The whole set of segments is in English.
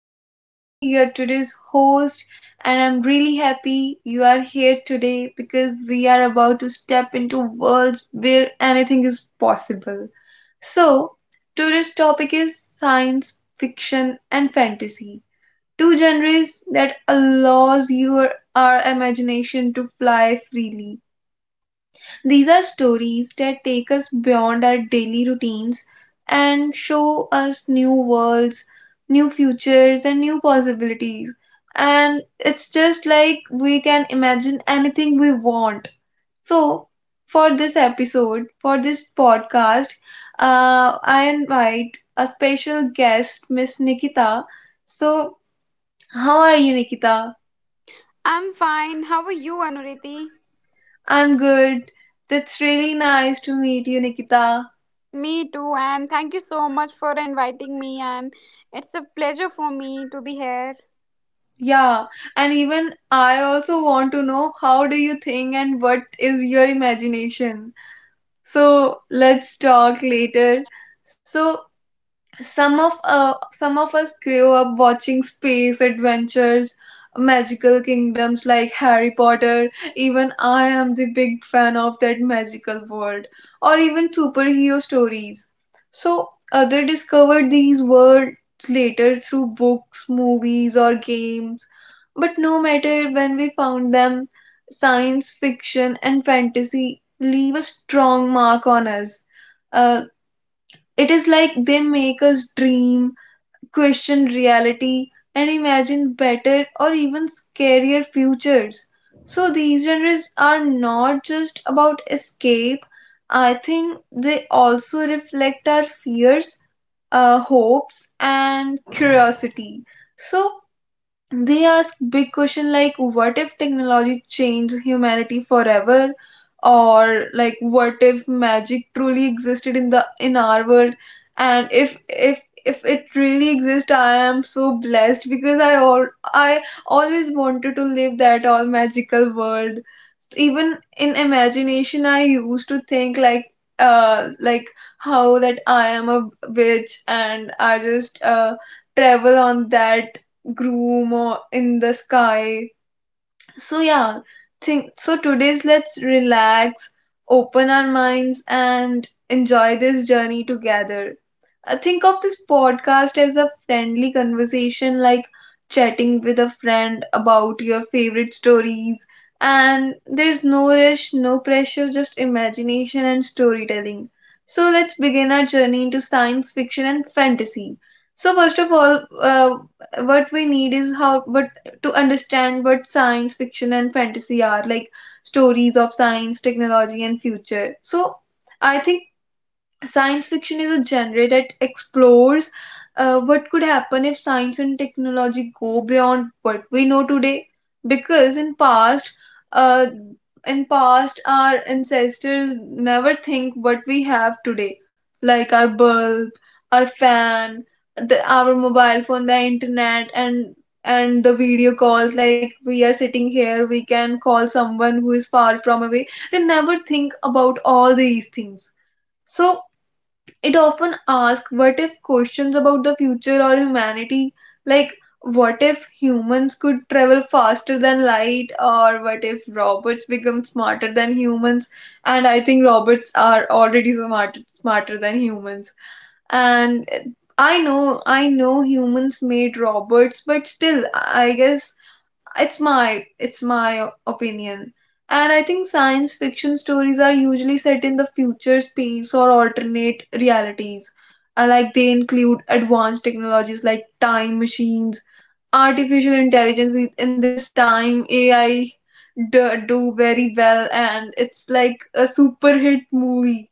is Anuriti, your today's host, and I'm really happy you are here today because we are about to step into worlds where anything is possible. So, today's topic is science fiction and fantasy, two genres that allows your our imagination to fly freely. These are stories that take us beyond our daily routines and show us new worlds, new futures, and new possibilities. And it's just like we can imagine anything we want. So, for this podcast, I invite a special guest, Miss Nikita. So, how are you, Nikita? I'm fine. How are you, Anuriti? I'm good. That's really nice to meet you, Nikita. Me too, and thank you so much for inviting me. And it's a pleasure for me to be here. Yeah, and even I also want to know how do you think and what is your imagination? So let's talk later. So some of us grew up watching space adventures, magical kingdoms like Harry Potter. Even I am the big fan of that magical world, or even superhero stories. So others discovered these worlds later through books, movies, or games, but no matter when we found them, science fiction and fantasy leave a strong mark on us. Uh. It is like they make us dream, question reality, and imagine better or even scarier futures. So these genres are not just about escape, I think they also reflect our fears, hopes, and curiosity. So they ask big question like what if technology changed humanity forever, or like what if magic truly existed in our world. And if it really exists, I am so blessed because I, all I always wanted to live that all magical world. Even in imagination, I used to think like, like how that I am a witch and I just travel on that groom or in the sky. So yeah, think so today's let's relax, open our minds, and enjoy this journey together. I think of this podcast as a friendly conversation, like chatting with a friend about your favorite stories. And there's no rush, no pressure, just imagination and storytelling. So let's begin our journey into science fiction and fantasy. So first of all, what we need is how what to understand what science fiction and fantasy are, like stories of science, technology, and future. So I think science fiction is a genre that explores what could happen if science and technology go beyond what we know today. Because in past, uh, our ancestors never think what we have today, like our bulb, our fan, our mobile phone, the internet, and the video calls. Like we are sitting here, we can call someone who is far from away. They never think about all these things. So it often asks what if questions about the future or humanity, like what if humans could travel faster than light, or what if robots become smarter than humans? And I think robots are already smart, smarter than humans. And I know humans made robots, but still, I guess it's my opinion. And I think science fiction stories are usually set in the future, space, or alternate realities. Like they include advanced technologies like time machines, artificial intelligence. In this time AI do very well and it's like a super hit movie,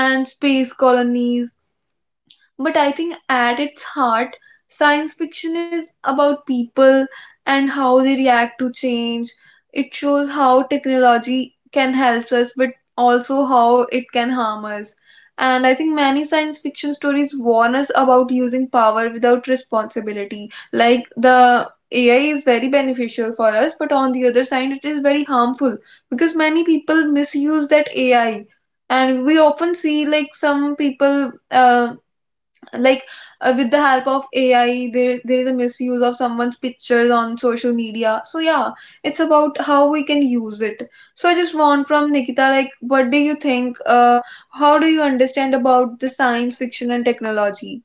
and space colonies. But I think at its heart, science fiction is about people and how they react to change. It shows how technology can help us, but also how it can harm us. And I think many science fiction stories warn us about using power without responsibility. Like the AI is very beneficial for us, but on the other side, it is very harmful because many people misuse that AI. And we often see like some people, like with the help of AI, there is a misuse of someone's pictures on social media. So yeah, it's about how we can use it. So I just want from Nikita, like what do you think, how do you understand about the science fiction and technology?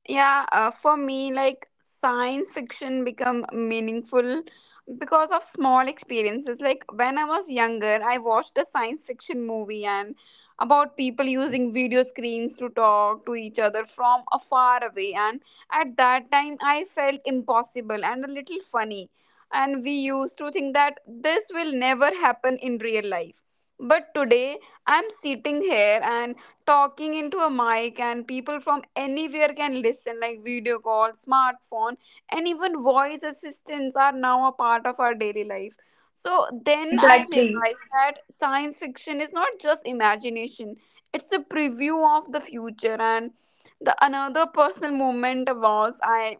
Yeah, for me, like, science fiction become meaningful because of small experiences, like when I was younger I watched a science fiction movie, and about people using video screens to talk to each other from a far away. And at that time I felt impossible and a little funny, and we used to think that this will never happen in real life. But today I'm sitting here and talking into a mic, and people from anywhere can listen, like video call, smartphone, and even voice assistants are now a part of our daily life. So Yeah, then I exactly. realized that science fiction is not just imagination, it's a preview of the future. And the another personal moment was, I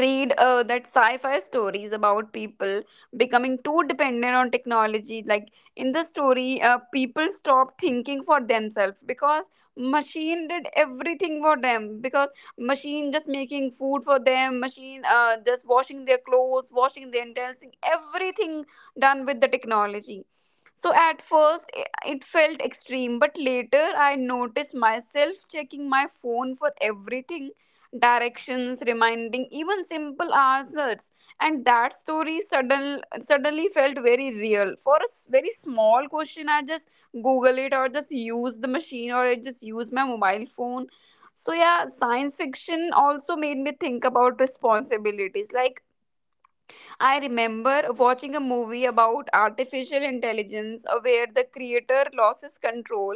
read that sci-fi stories about people becoming too dependent on technology. Like in the story, people stopped thinking for themselves because machine did everything for them. Because machine just making food for them, machine just washing their clothes, washing their intestines, everything done with the technology. So at first it felt extreme, but later I noticed myself checking my phone for everything: directions, reminding, even simple answers. And that story suddenly felt very real. For a very small question, I just Google it, or just use the machine, or I just use my mobile phone. So, yeah, science fiction also made me think about responsibilities. Like, I remember watching a movie about artificial intelligence, where the creator loses control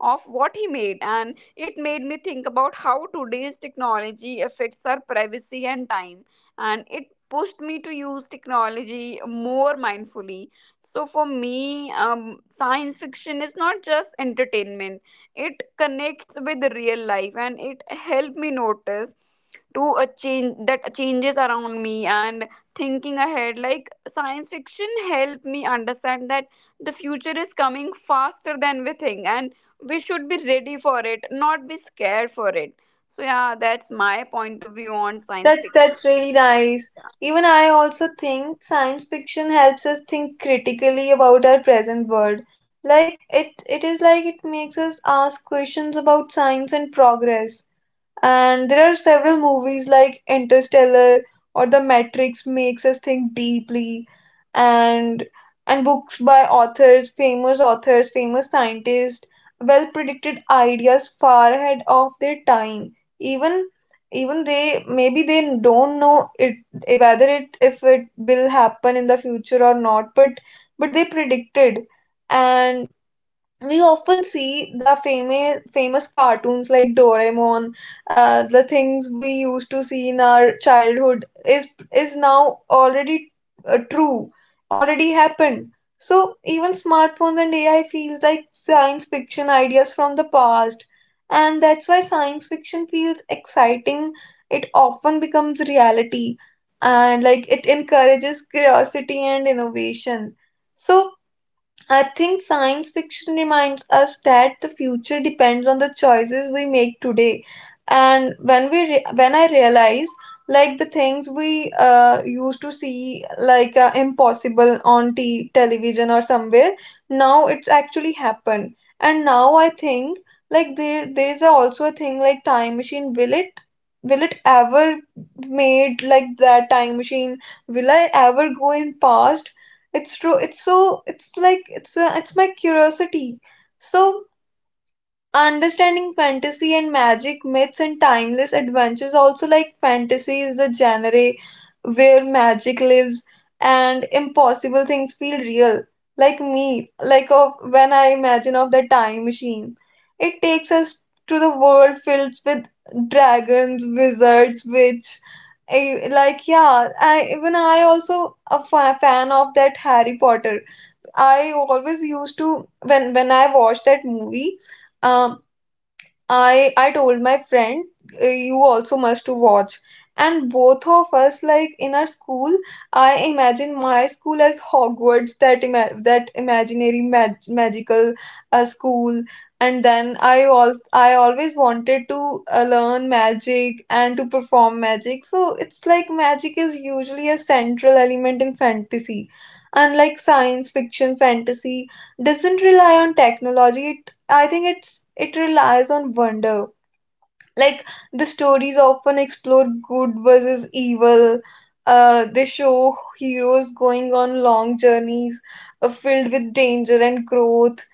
of what he made, and it made me think about how today's technology affects our privacy and time. And it pushed me to use technology more mindfully. So, for me, science fiction is not just entertainment, it connects with the real life, and it helped me notice to a change, that changes around me, and thinking ahead. Like science fiction helped me understand that the future is coming faster than we think, and we should be ready for it, not be scared for it. So yeah, that's my point of view on science fiction. That's really nice. Even I also think science fiction helps us think critically about our present world. Like it is like it makes us ask questions about science and progress. And there are several movies like Interstellar or The Matrix makes us think deeply, and and books by authors, famous scientists, well predicted ideas far ahead of their time. Even, even they maybe they don't know it, whether it if it will happen in the future or not, but they predicted. And we often see the famous, famous cartoons like Doraemon. The things we used to see in our childhood is now already true, already happened. So even smartphones and AI feels like science fiction ideas from the past, and that's why science fiction feels exciting. It often becomes reality, and like it encourages curiosity and innovation. So I think science fiction reminds us that the future depends on the choices we make today. And when I realize like the things we used to see like impossible on television or somewhere, now it's actually happened. And now I think like there is also a thing like time machine. Will it ever made like that time machine? Will I ever go in past? It's true, it's so it's like it's my curiosity. So understanding fantasy and magic, myths and timeless adventures also, like fantasy is the genre where magic lives and impossible things feel real, like me like of when I imagine of the time machine. It takes us to the world filled with dragons, wizards, witch. I, like Yeah, I even I also a fan of that Harry Potter. I always used to when I watched that movie, uh, I told my friend, you also must to watch." And both of us like in our school, I imagine my school as Hogwarts, that that imaginary magical school. And then I always wanted to learn magic and to perform magic. So it's like magic is usually a central element in fantasy. Unlike science fiction, fantasy doesn't rely on technology. I think it relies on wonder. Like the stories often explore good versus evil. They show heroes going on long journeys filled with danger and growth.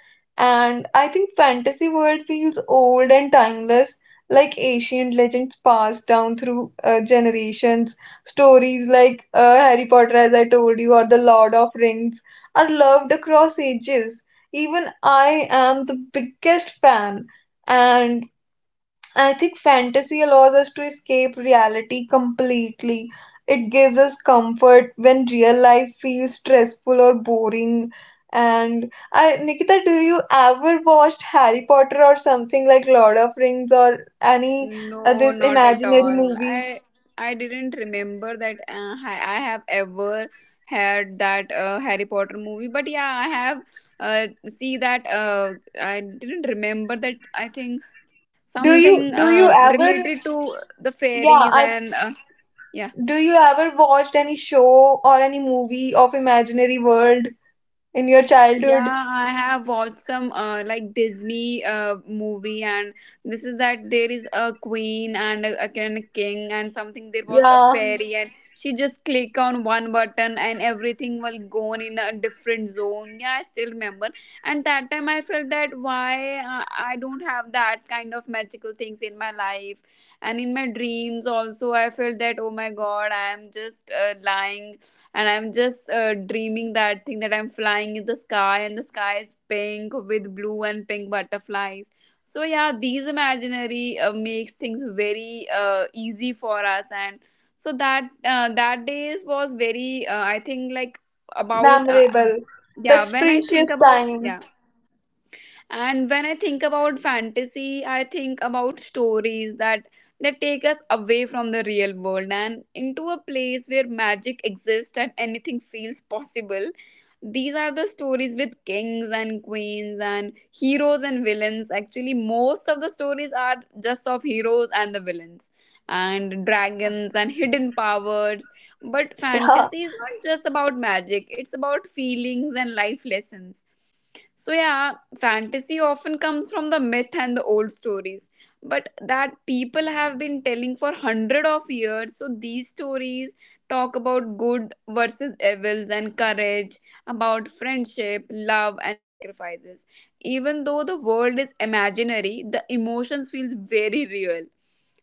And I think fantasy world feels old and timeless, like ancient legends passed down through generations. Stories like Harry Potter, as I told you, or The Lord of Rings are loved across ages. Even I am the biggest fan. And I think fantasy allows us to escape reality completely. It gives us comfort when real life feels stressful or boring. And I, Nikita, do you ever watched Harry Potter or something like Lord of Rings or any No, this not at imaginary all. movie? I didn't remember that, I have ever had that Harry Potter movie, but yeah, I have see that, I didn't remember that. I think something Do you ever related to the Yeah, fairies I, and yeah. do you ever watched any show or any movie of imaginary world in your childhood? Yeah, I have watched some like Disney movie, and this is that there is a queen and again a king and something. There was a Yeah, fairy, and she just click on one button, and everything will go on in a different zone. Yeah, I still remember. And that time, I felt that why I don't have that kind of magical things in my life, and in my dreams also, I felt that, oh my god, I am just lying, and I'm just dreaming that thing, that I'm flying in the sky and the sky is pink with blue and pink butterflies. So yeah, these imaginary, makes things very easy for us. And so that days was very, I think, like, about memorable. yeah. That's When I think precious about, time. yeah, and when I think about fantasy, I think about stories that take us away from the real world, and into a place where magic exists and anything feels possible. These are the stories with kings and queens and heroes and villains. Actually most of the stories are just of heroes and the villains and Yeah, dragons and hidden powers. But yeah, fantasy is not just about magic, it's about feelings and life lessons. So, yeah, fantasy often comes from the myth and the old stories, but that people have been telling for hundred of years. So, these stories talk about good versus evils and courage, about friendship, love, and sacrifices. Even though the world is imaginary, the emotions feel very real.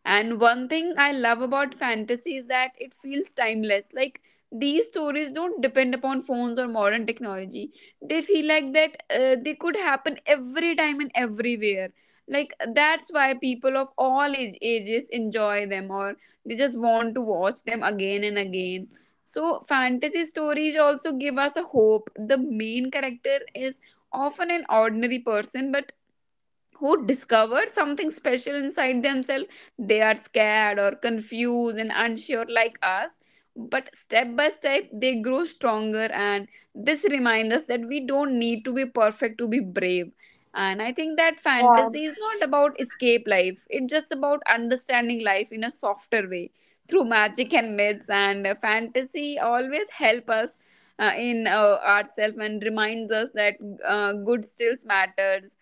And one thing I love about fantasy is that it feels timeless. Like these stories don't depend upon phones or modern technology, they feel like that, they could happen every time and everywhere, like that's why people of all ages enjoy them, or they just want to watch them again and again. So fantasy stories also give us a hope. The main character is often an ordinary person, but who discover something special inside themselves. They are scared or confused and unsure like us, but step by step they grow stronger, and this reminds us that we don't need to be perfect to be brave. And I think that yeah, fantasy is not about escape life, it's just about understanding life in a softer way, through magic and myths. And fantasy always help us, in, ourselves, and reminds us that, good still matters.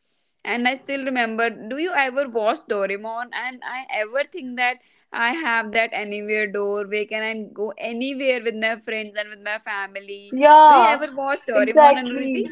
And I still remember, do you ever watch Doraemon? And I ever think that I have that anywhere door, where can I go anywhere with my friends and with my family. Do you yeah, ever watch Doraemon, Anuriti? exactly.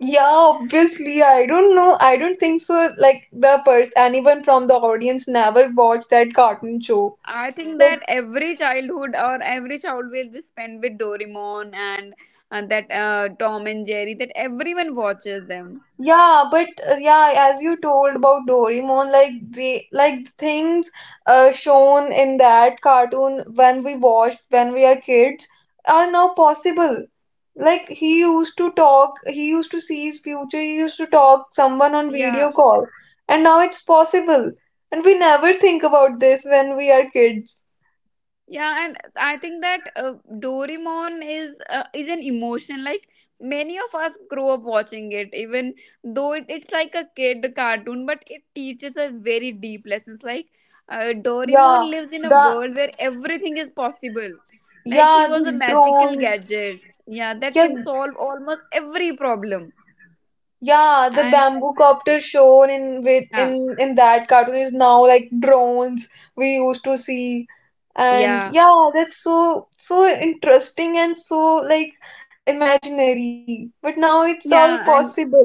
Yeah, obviously, I don't know. I don't think so. Like the person, anyone from the audience never watched that cartoon show. I think Like, that every childhood, or every child, will be spent with Doraemon, and that Tom and Jerry, that everyone watches them. yeah, but yeah, as you told about Doraemon, like the like things shown in that cartoon when we watched when we are kids are now possible. Like he used to talk, he used to see his future, he used to talk someone on Yeah. video call, and now it's possible. And we never think about this when we are kids. Yeah, and I think that Doraemon is, an emotion. Like many of us grow up watching it, even though it's like a kid cartoon, but it teaches us very deep lessons. Like, Yeah, Doraemon lives in a the world where everything is possible. Like he yeah, was a the magical drones. gadget, yeah, that Yeah, can solve almost every problem. yeah, the And bamboo copter shown in with yeah, in that cartoon is now like drones we used to see. And yeah, yeah, that's so so interesting and so like imaginary. But now it's all yeah, and possible.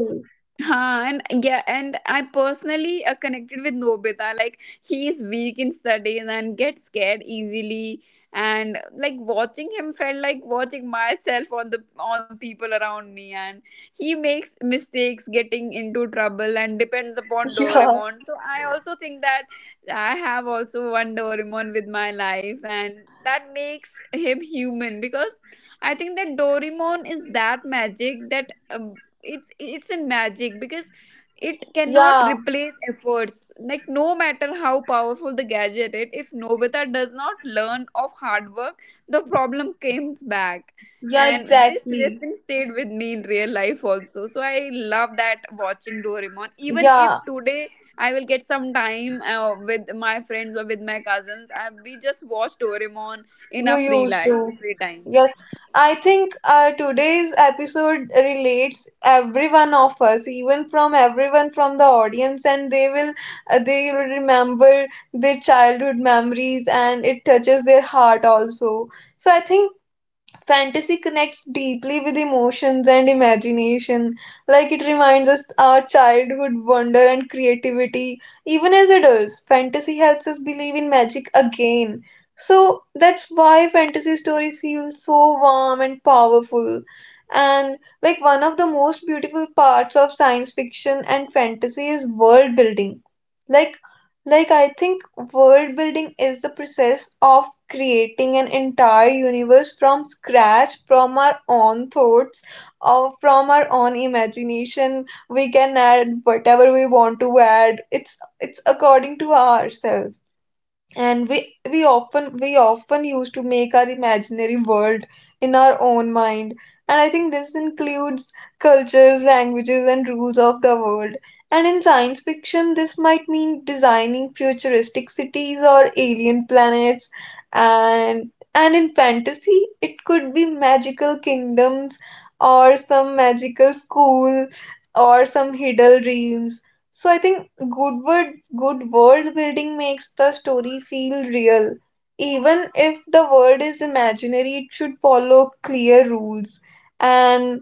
huh, and yeah, and I personally connected with Nobita. Like he is weak in studies and gets scared easily. And like watching him felt like watching myself on the on people around me. And he makes mistakes, getting into trouble, and depends upon Yeah. Doraemon. So I also think that I have also one Doraemon with my life, and that makes him human. Because I think that Doraemon is that magic, that, it's a magic, because it cannot Yeah. replace efforts, like no matter how powerful the gadget it, if Novita does not learn of hard work, the problem comes back. Yeah, And this exactly. lesson stayed with me in real life also. So I love that, watching Doraemon, even if Yeah. today I will get some time with my friends or with my cousins, we just watch Doraemon in You our used to. free time. Yes. I think today's episode relates everyone of us, even from everyone from the audience, and they will remember their childhood memories, and it touches their heart also. So I think fantasy connects deeply with emotions and imagination. Like it reminds us our childhood wonder and creativity. Even as adults, fantasy helps us believe in magic again. So that's why fantasy stories feel so warm and powerful. And like one of the most beautiful parts of science fiction and fantasy is world building. Like I think world building is the process of creating an entire universe from scratch, from our own thoughts, or from our own imagination. We can add whatever we want to add. It's according to ourselves, and we often used to make our imaginary world in our own mind. And I think this includes cultures, languages, and rules of the world. And in science fiction, this might mean designing futuristic cities or alien planets, and and in fantasy it could be magical kingdoms or some magical school or some hidden dreams. So I think Goodwood, good world building makes the story feel real. Even if the world is imaginary, it should follow clear rules. And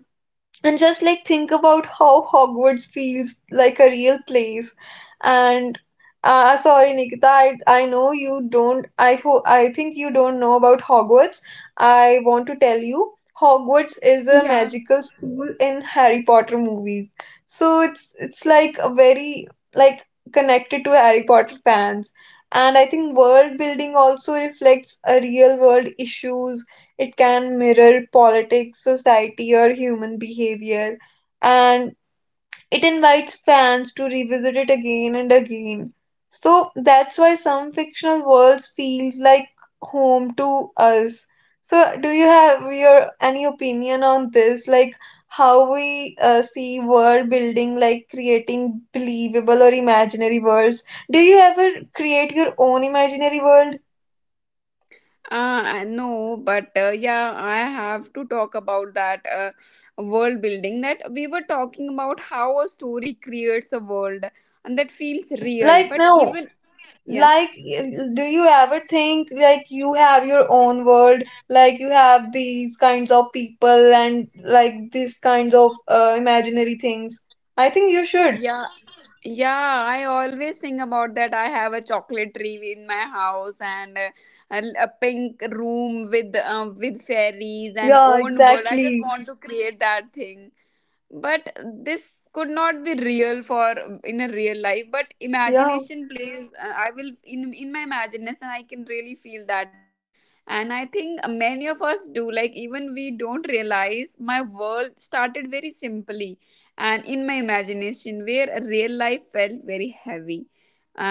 and just like, think about how Hogwarts feels like a real place. And sorry, Nikita, I know you don't. I think you don't know about Hogwarts. I want to tell you, Hogwarts is a Yeah. magical school in Harry Potter movies. So it's like a very, like, connected to Harry Potter fans. And I think world building also reflects a real world issues. It can mirror politics, society, or human behavior, and it invites fans to revisit it again and again. So that's why some fictional worlds feels like home to us. So do you have your any opinion on this, like how we see world building, like creating believable or imaginary worlds? Do you ever create your own imaginary world? I know, but yeah, I have to talk about that, world building that we were talking about, how a story creates a world, and that feels real. Like But no, even, yeah, like do you ever think like you have your own world, like you have these kinds of people and like these kinds of imaginary things? I think you should. yeah, yeah, I always think about that. I have a chocolate tree in my house, and a pink room with, with fairies and Yeah, own world. I just exactly. want to create that thing. But this could not be real for in a real life, but Yeah. imagination plays, I will, in my imagination I can really feel that thing. And I think many of us do, like even we don't realize. My world started very simply, and in my imagination, where a real life felt very heavy,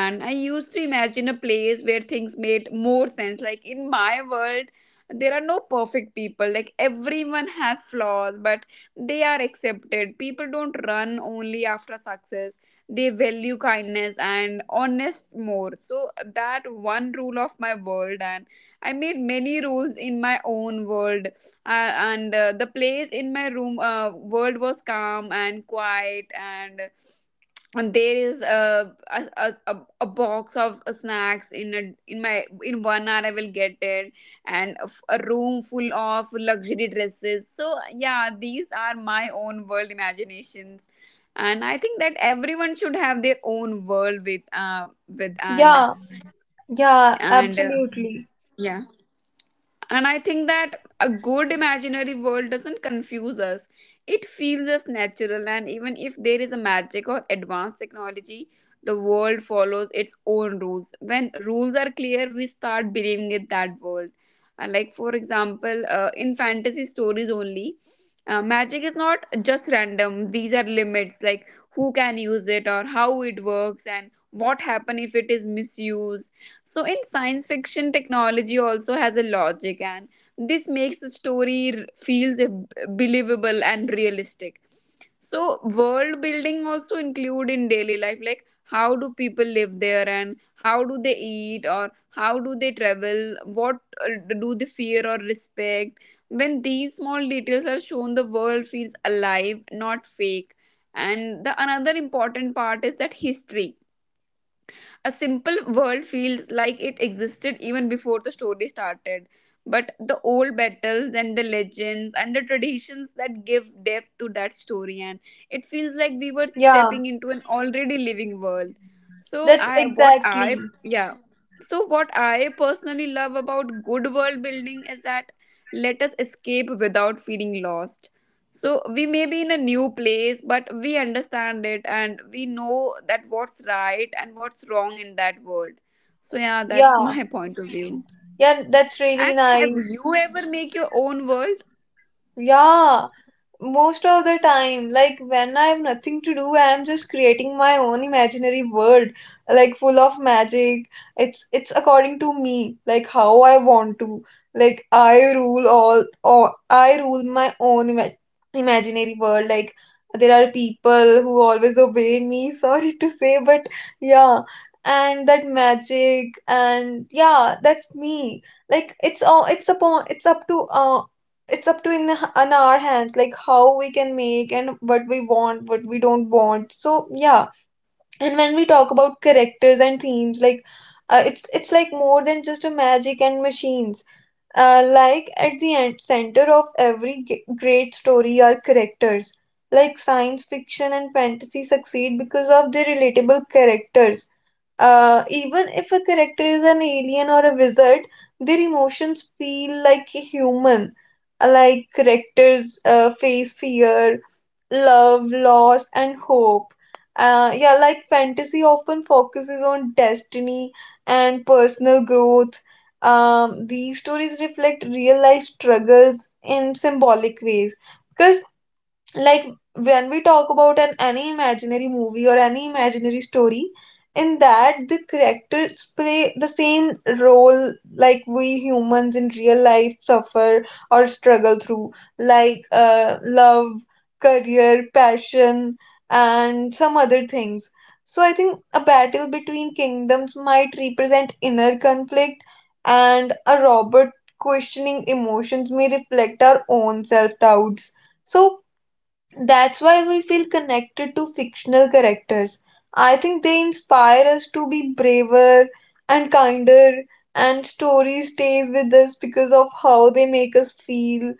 and I used to imagine a place where things made more sense. Like in my world there are no perfect people, like everyone has flaws, but they are accepted. People don't run only after success, they value kindness and honest more. So, that one rule of my world, and I made many rules in my own world. Uh, and the place in my room, world was calm and quiet, and there is a box of snacks, in a, in my, in 1 hour I will get it, and a a room full of luxury dresses. So, yeah, these are my own world imaginations. And I think that everyone should have their own world with, Yeah, yeah, and, absolutely. yeah. And I think that a good imaginary world doesn't confuse us. It feels us natural, and even if there is a magic or advanced technology, the world follows its own rules. When rules are clear, we start believing in that world. And like, for example, in fantasy stories only, magic is not just random. These are limits, like who can use it, or how it works, and what happen if it is misused. So in science fiction, technology also has a logic, and this makes the story feels, believable and realistic. So world building also include in daily life, like how do people live there, and how do they eat, or how do they travel? What do they fear or respect? When these small details are shown, the world feels alive, not fake. And the another important part is that history: a simple world feels like it existed even before the story started. But the old battles and the legends and the traditions that give depth to that story, and it feels like we were Yeah, stepping into an already living world. So that's I, what exactly. I, yeah. So what I personally love about good world building is that let us escape without feeling lost, so we may be in a new place, but we understand it and we know that what's right and what's wrong in that world. So yeah, that's Yeah. my point of view. Yeah, that's really And have nice. you ever make your own world? Yeah, most of the time, like when I have nothing to do, I am just creating my own imaginary world, like full of magic. It's according to me, like how I want to, like I rule all, or I rule my own imaginary world. Like, there are people who always obey me sorry to say, but yeah. And that magic and yeah, that's me. Like it's all, it's up to it's up to, in our hands, like how we can make and what we want, what we don't want. So yeah. And when we talk about characters and themes, like it's like more than just a magic and machines. Like at the end, center of every great story are characters. Like, science fiction and fantasy succeed because of their relatable characters. Even if a character is an alien or a wizard, their emotions feel like human. Like characters face fear, love, loss, and hope. Yeah, like fantasy often focuses on destiny and personal growth. These stories reflect real life struggles in symbolic ways, because, like, when we talk about an any imaginary movie or any imaginary story, in that the characters play the same role, like we humans in real life suffer or struggle through, like love, career, passion, and some other things. So I think a battle between kingdoms might represent inner conflict, and a robot questioning emotions may reflect our own self doubts. So that's why we feel connected to fictional characters. I think they inspire us to be braver and kinder, and story stays with us because of how they make us feel,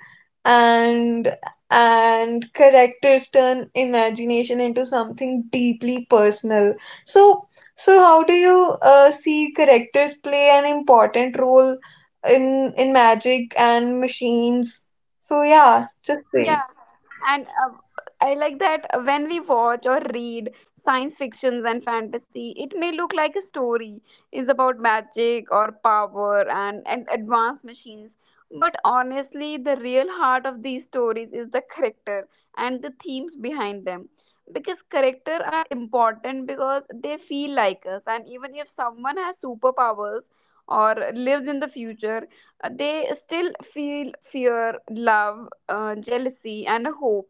and and characters turn imagination into something deeply personal. So so how do you see characters play an important role in magic and machines? So yeah, just Yeah, say. and I like that when we watch or read science fictions and fantasy, it may look like a story is about magic or power and advanced machines. But honestly, the real heart of these stories is the character and the themes behind them. Because character are important because they feel like us, and even if someone has superpowers or lives in the future, they still feel fear, love, jealousy and a hope,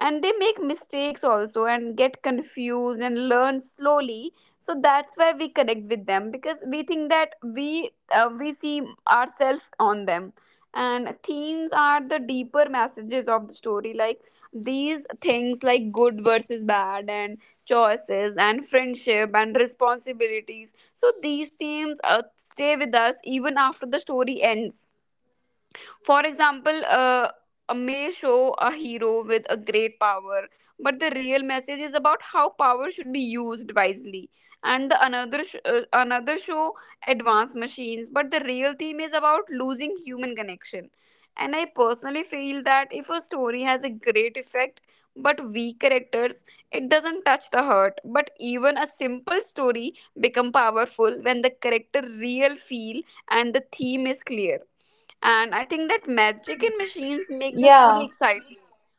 and they make mistakes also and get confused and learn slowly. So that's why we connect with them, because we think that we see ourselves on them. And themes are the deeper messages of the story, like these things like good versus bad and choices and friendship and responsibilities. So these themes stay with us even after the story ends. For example, a may show a hero with a great power, but the real message is about how power should be used wisely. And the another show advanced machines, but the real theme is about losing human connection. And I personally feel that if a story has a great effect but weak characters, it doesn't touch the heart. But even a simple story become powerful when the character real feel and the theme is clear. And I think that magic and machines make the story Yeah. exciting.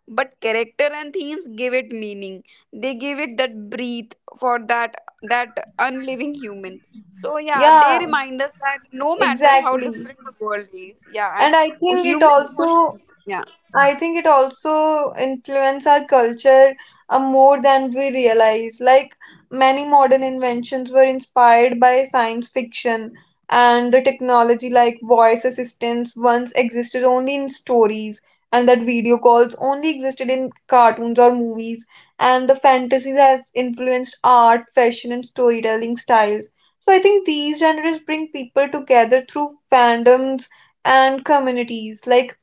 But character and themes give it meaning. They give it that breathe for that unliving human. So yeah, they Yeah, remind us that no matter how exactly. different the world is, yeah, and And I think it human also, emotions. Yeah. I think it also influence our culture more than we realize. Like, many modern inventions were inspired by science fiction, and the technology like voice assistants once existed only in stories, and that video calls only existed in cartoons or movies, and the fantasy has influenced art, fashion, and storytelling styles. So I think these genres bring people together through fandoms and communities. Like,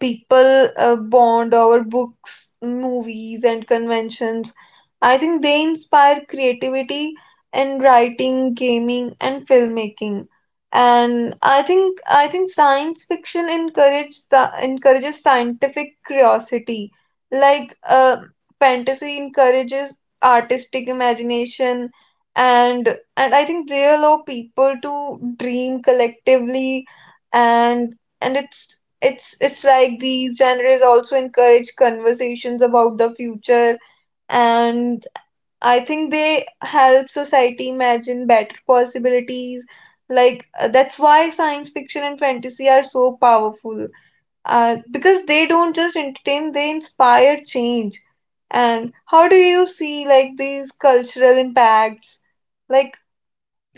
people bond over books, movies, and conventions. I think they inspire creativity in writing, gaming, and filmmaking. And I think science fiction encourages scientific curiosity, like fantasy encourages artistic imagination, and and I think they allow people to dream collectively, and and it's it's like these genres also encourage conversations about the future, and I think they help society imagine better possibilities, like that's why science fiction and fantasy are so powerful, because they don't just entertain, they inspire change. And how do you see like these cultural impacts, like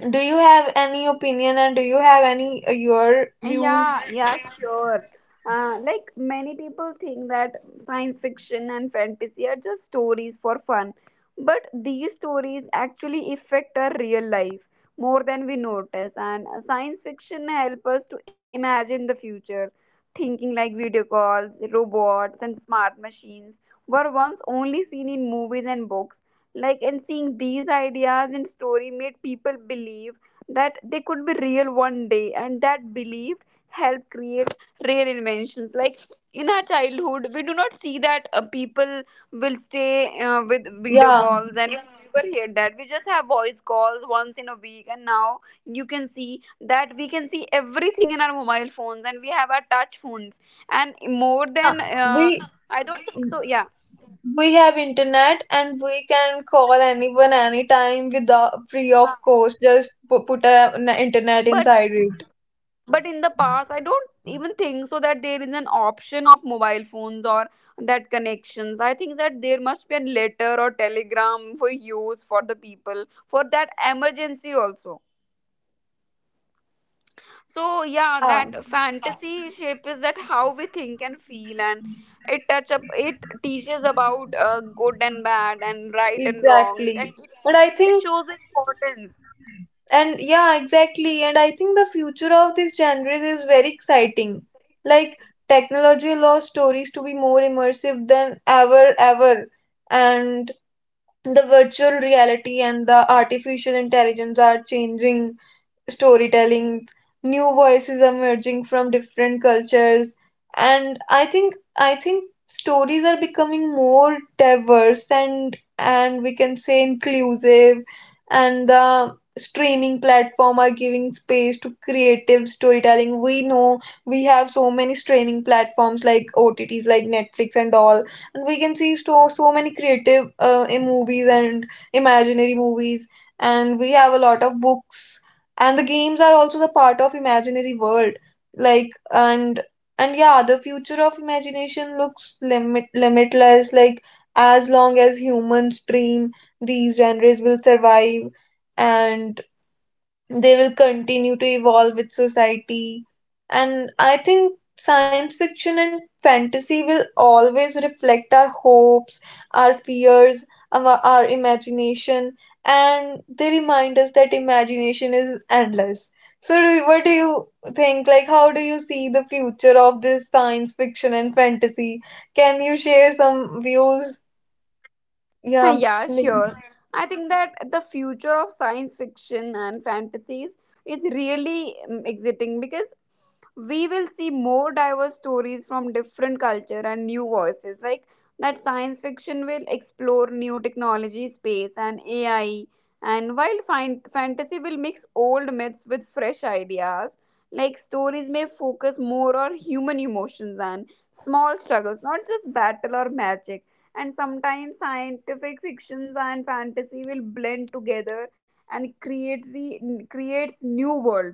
do you have any opinion, and do you have any your views? Yeah, yeah, sure. Like many people think that science fiction and fantasy are just stories for fun, but these stories actually affect our real life more than we notice. And science fiction help us to imagine the future. Thinking like video calls, robots, and smart machines were once only seen in movies and books. Like, and seeing these ideas in story made people believe that they could be real one day, and that belief helped create rare inventions. Like in our childhood we do not see that people will stay with video Yeah, calls, and we, yeah, never hear that we just have voice calls once in a week, and now you can see that we can see everything in our mobile phones and we have our touch phones and more yeah, than we I don't think so, yeah. We have internet, and we can call anyone anytime without free of cost. Just put a, an internet but inside it. but in the past I don't even think so that there is an option of mobile phones or that connections. I think that there must be a letter or telegram for use for the people for that emergency also. So yeah, Yeah, that fantasy shape is that how we think and feel, and it touch up it teaches about good and bad and right and wrong, that exactly. it, And I it think, shows importance. and yeah, exactly. And I think the future of these genres is very exciting. Like, technology allows stories to be more immersive than ever. And the virtual reality and the artificial intelligence are changing storytelling, new voices emerging from different cultures, and I think stories are becoming more diverse and we can say inclusive, and the streaming platform are giving space to creative storytelling. We know we have so many streaming platforms like OTTs, like Netflix and all, and we can see so many creative movies and imaginary movies, and we have a lot of books, and the games are also the part of imaginary world, like and yeah, the future of imagination looks limitless, like as long as humans dream, these genres will survive, and they will continue to evolve with society. And I think science fiction and fantasy will always reflect our hopes, our fears, our imagination, and they remind us that imagination is endless. So, what do you think? Like, how do you see the future of this science fiction and fantasy? Can you share some views? Yeah. Yeah, Nick. sure. I think that the future of science fiction and fantasies is really exciting because we will see more diverse stories from different culture and new voices. Like that science fiction will explore new technology, space and AI, and while fantasy will mix old myths with fresh ideas. Like stories may focus more on human emotions and small struggles, not just battle or magic. And sometimes scientific fictions and fantasy will blend together and creates new world.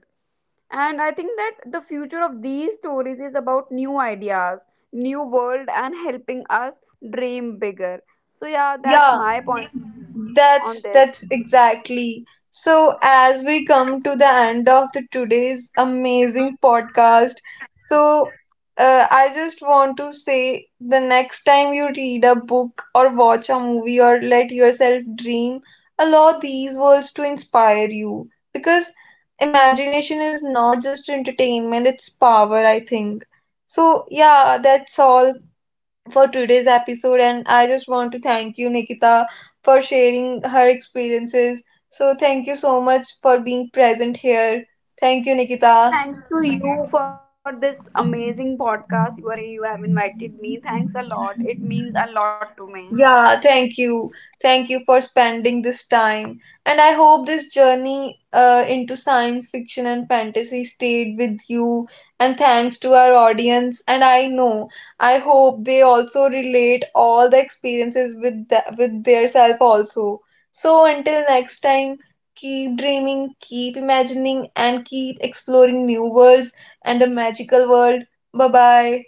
And I think that the future of these stories is about new ideas, new world, and helping us dream bigger. So yeah, that's Yeah, my point of view on this. that's exactly. So as we come to the end of the today's amazing podcast, so I just want to say the next time you read a book or watch a movie or let yourself dream, allow these words to inspire you, because imagination is not just entertainment, it's power, I think. So yeah, that's all for today's episode. And I just want to thank you, Nikita, for sharing her experiences. So, thank you so much for being present here. Thank you, Thanks to you for this amazing podcast. You Nikita. have invited me, thanks a lot, it means a lot to me. Yeah, thank you. Thank you for spending this time. And I hope this journey into science fiction and fantasy stayed with you. And thanks to our audience. And I know, I hope they also relate all the experiences with the, with their self also. So until next time, keep dreaming, keep imagining, and keep exploring new worlds and the magical world. Bye bye.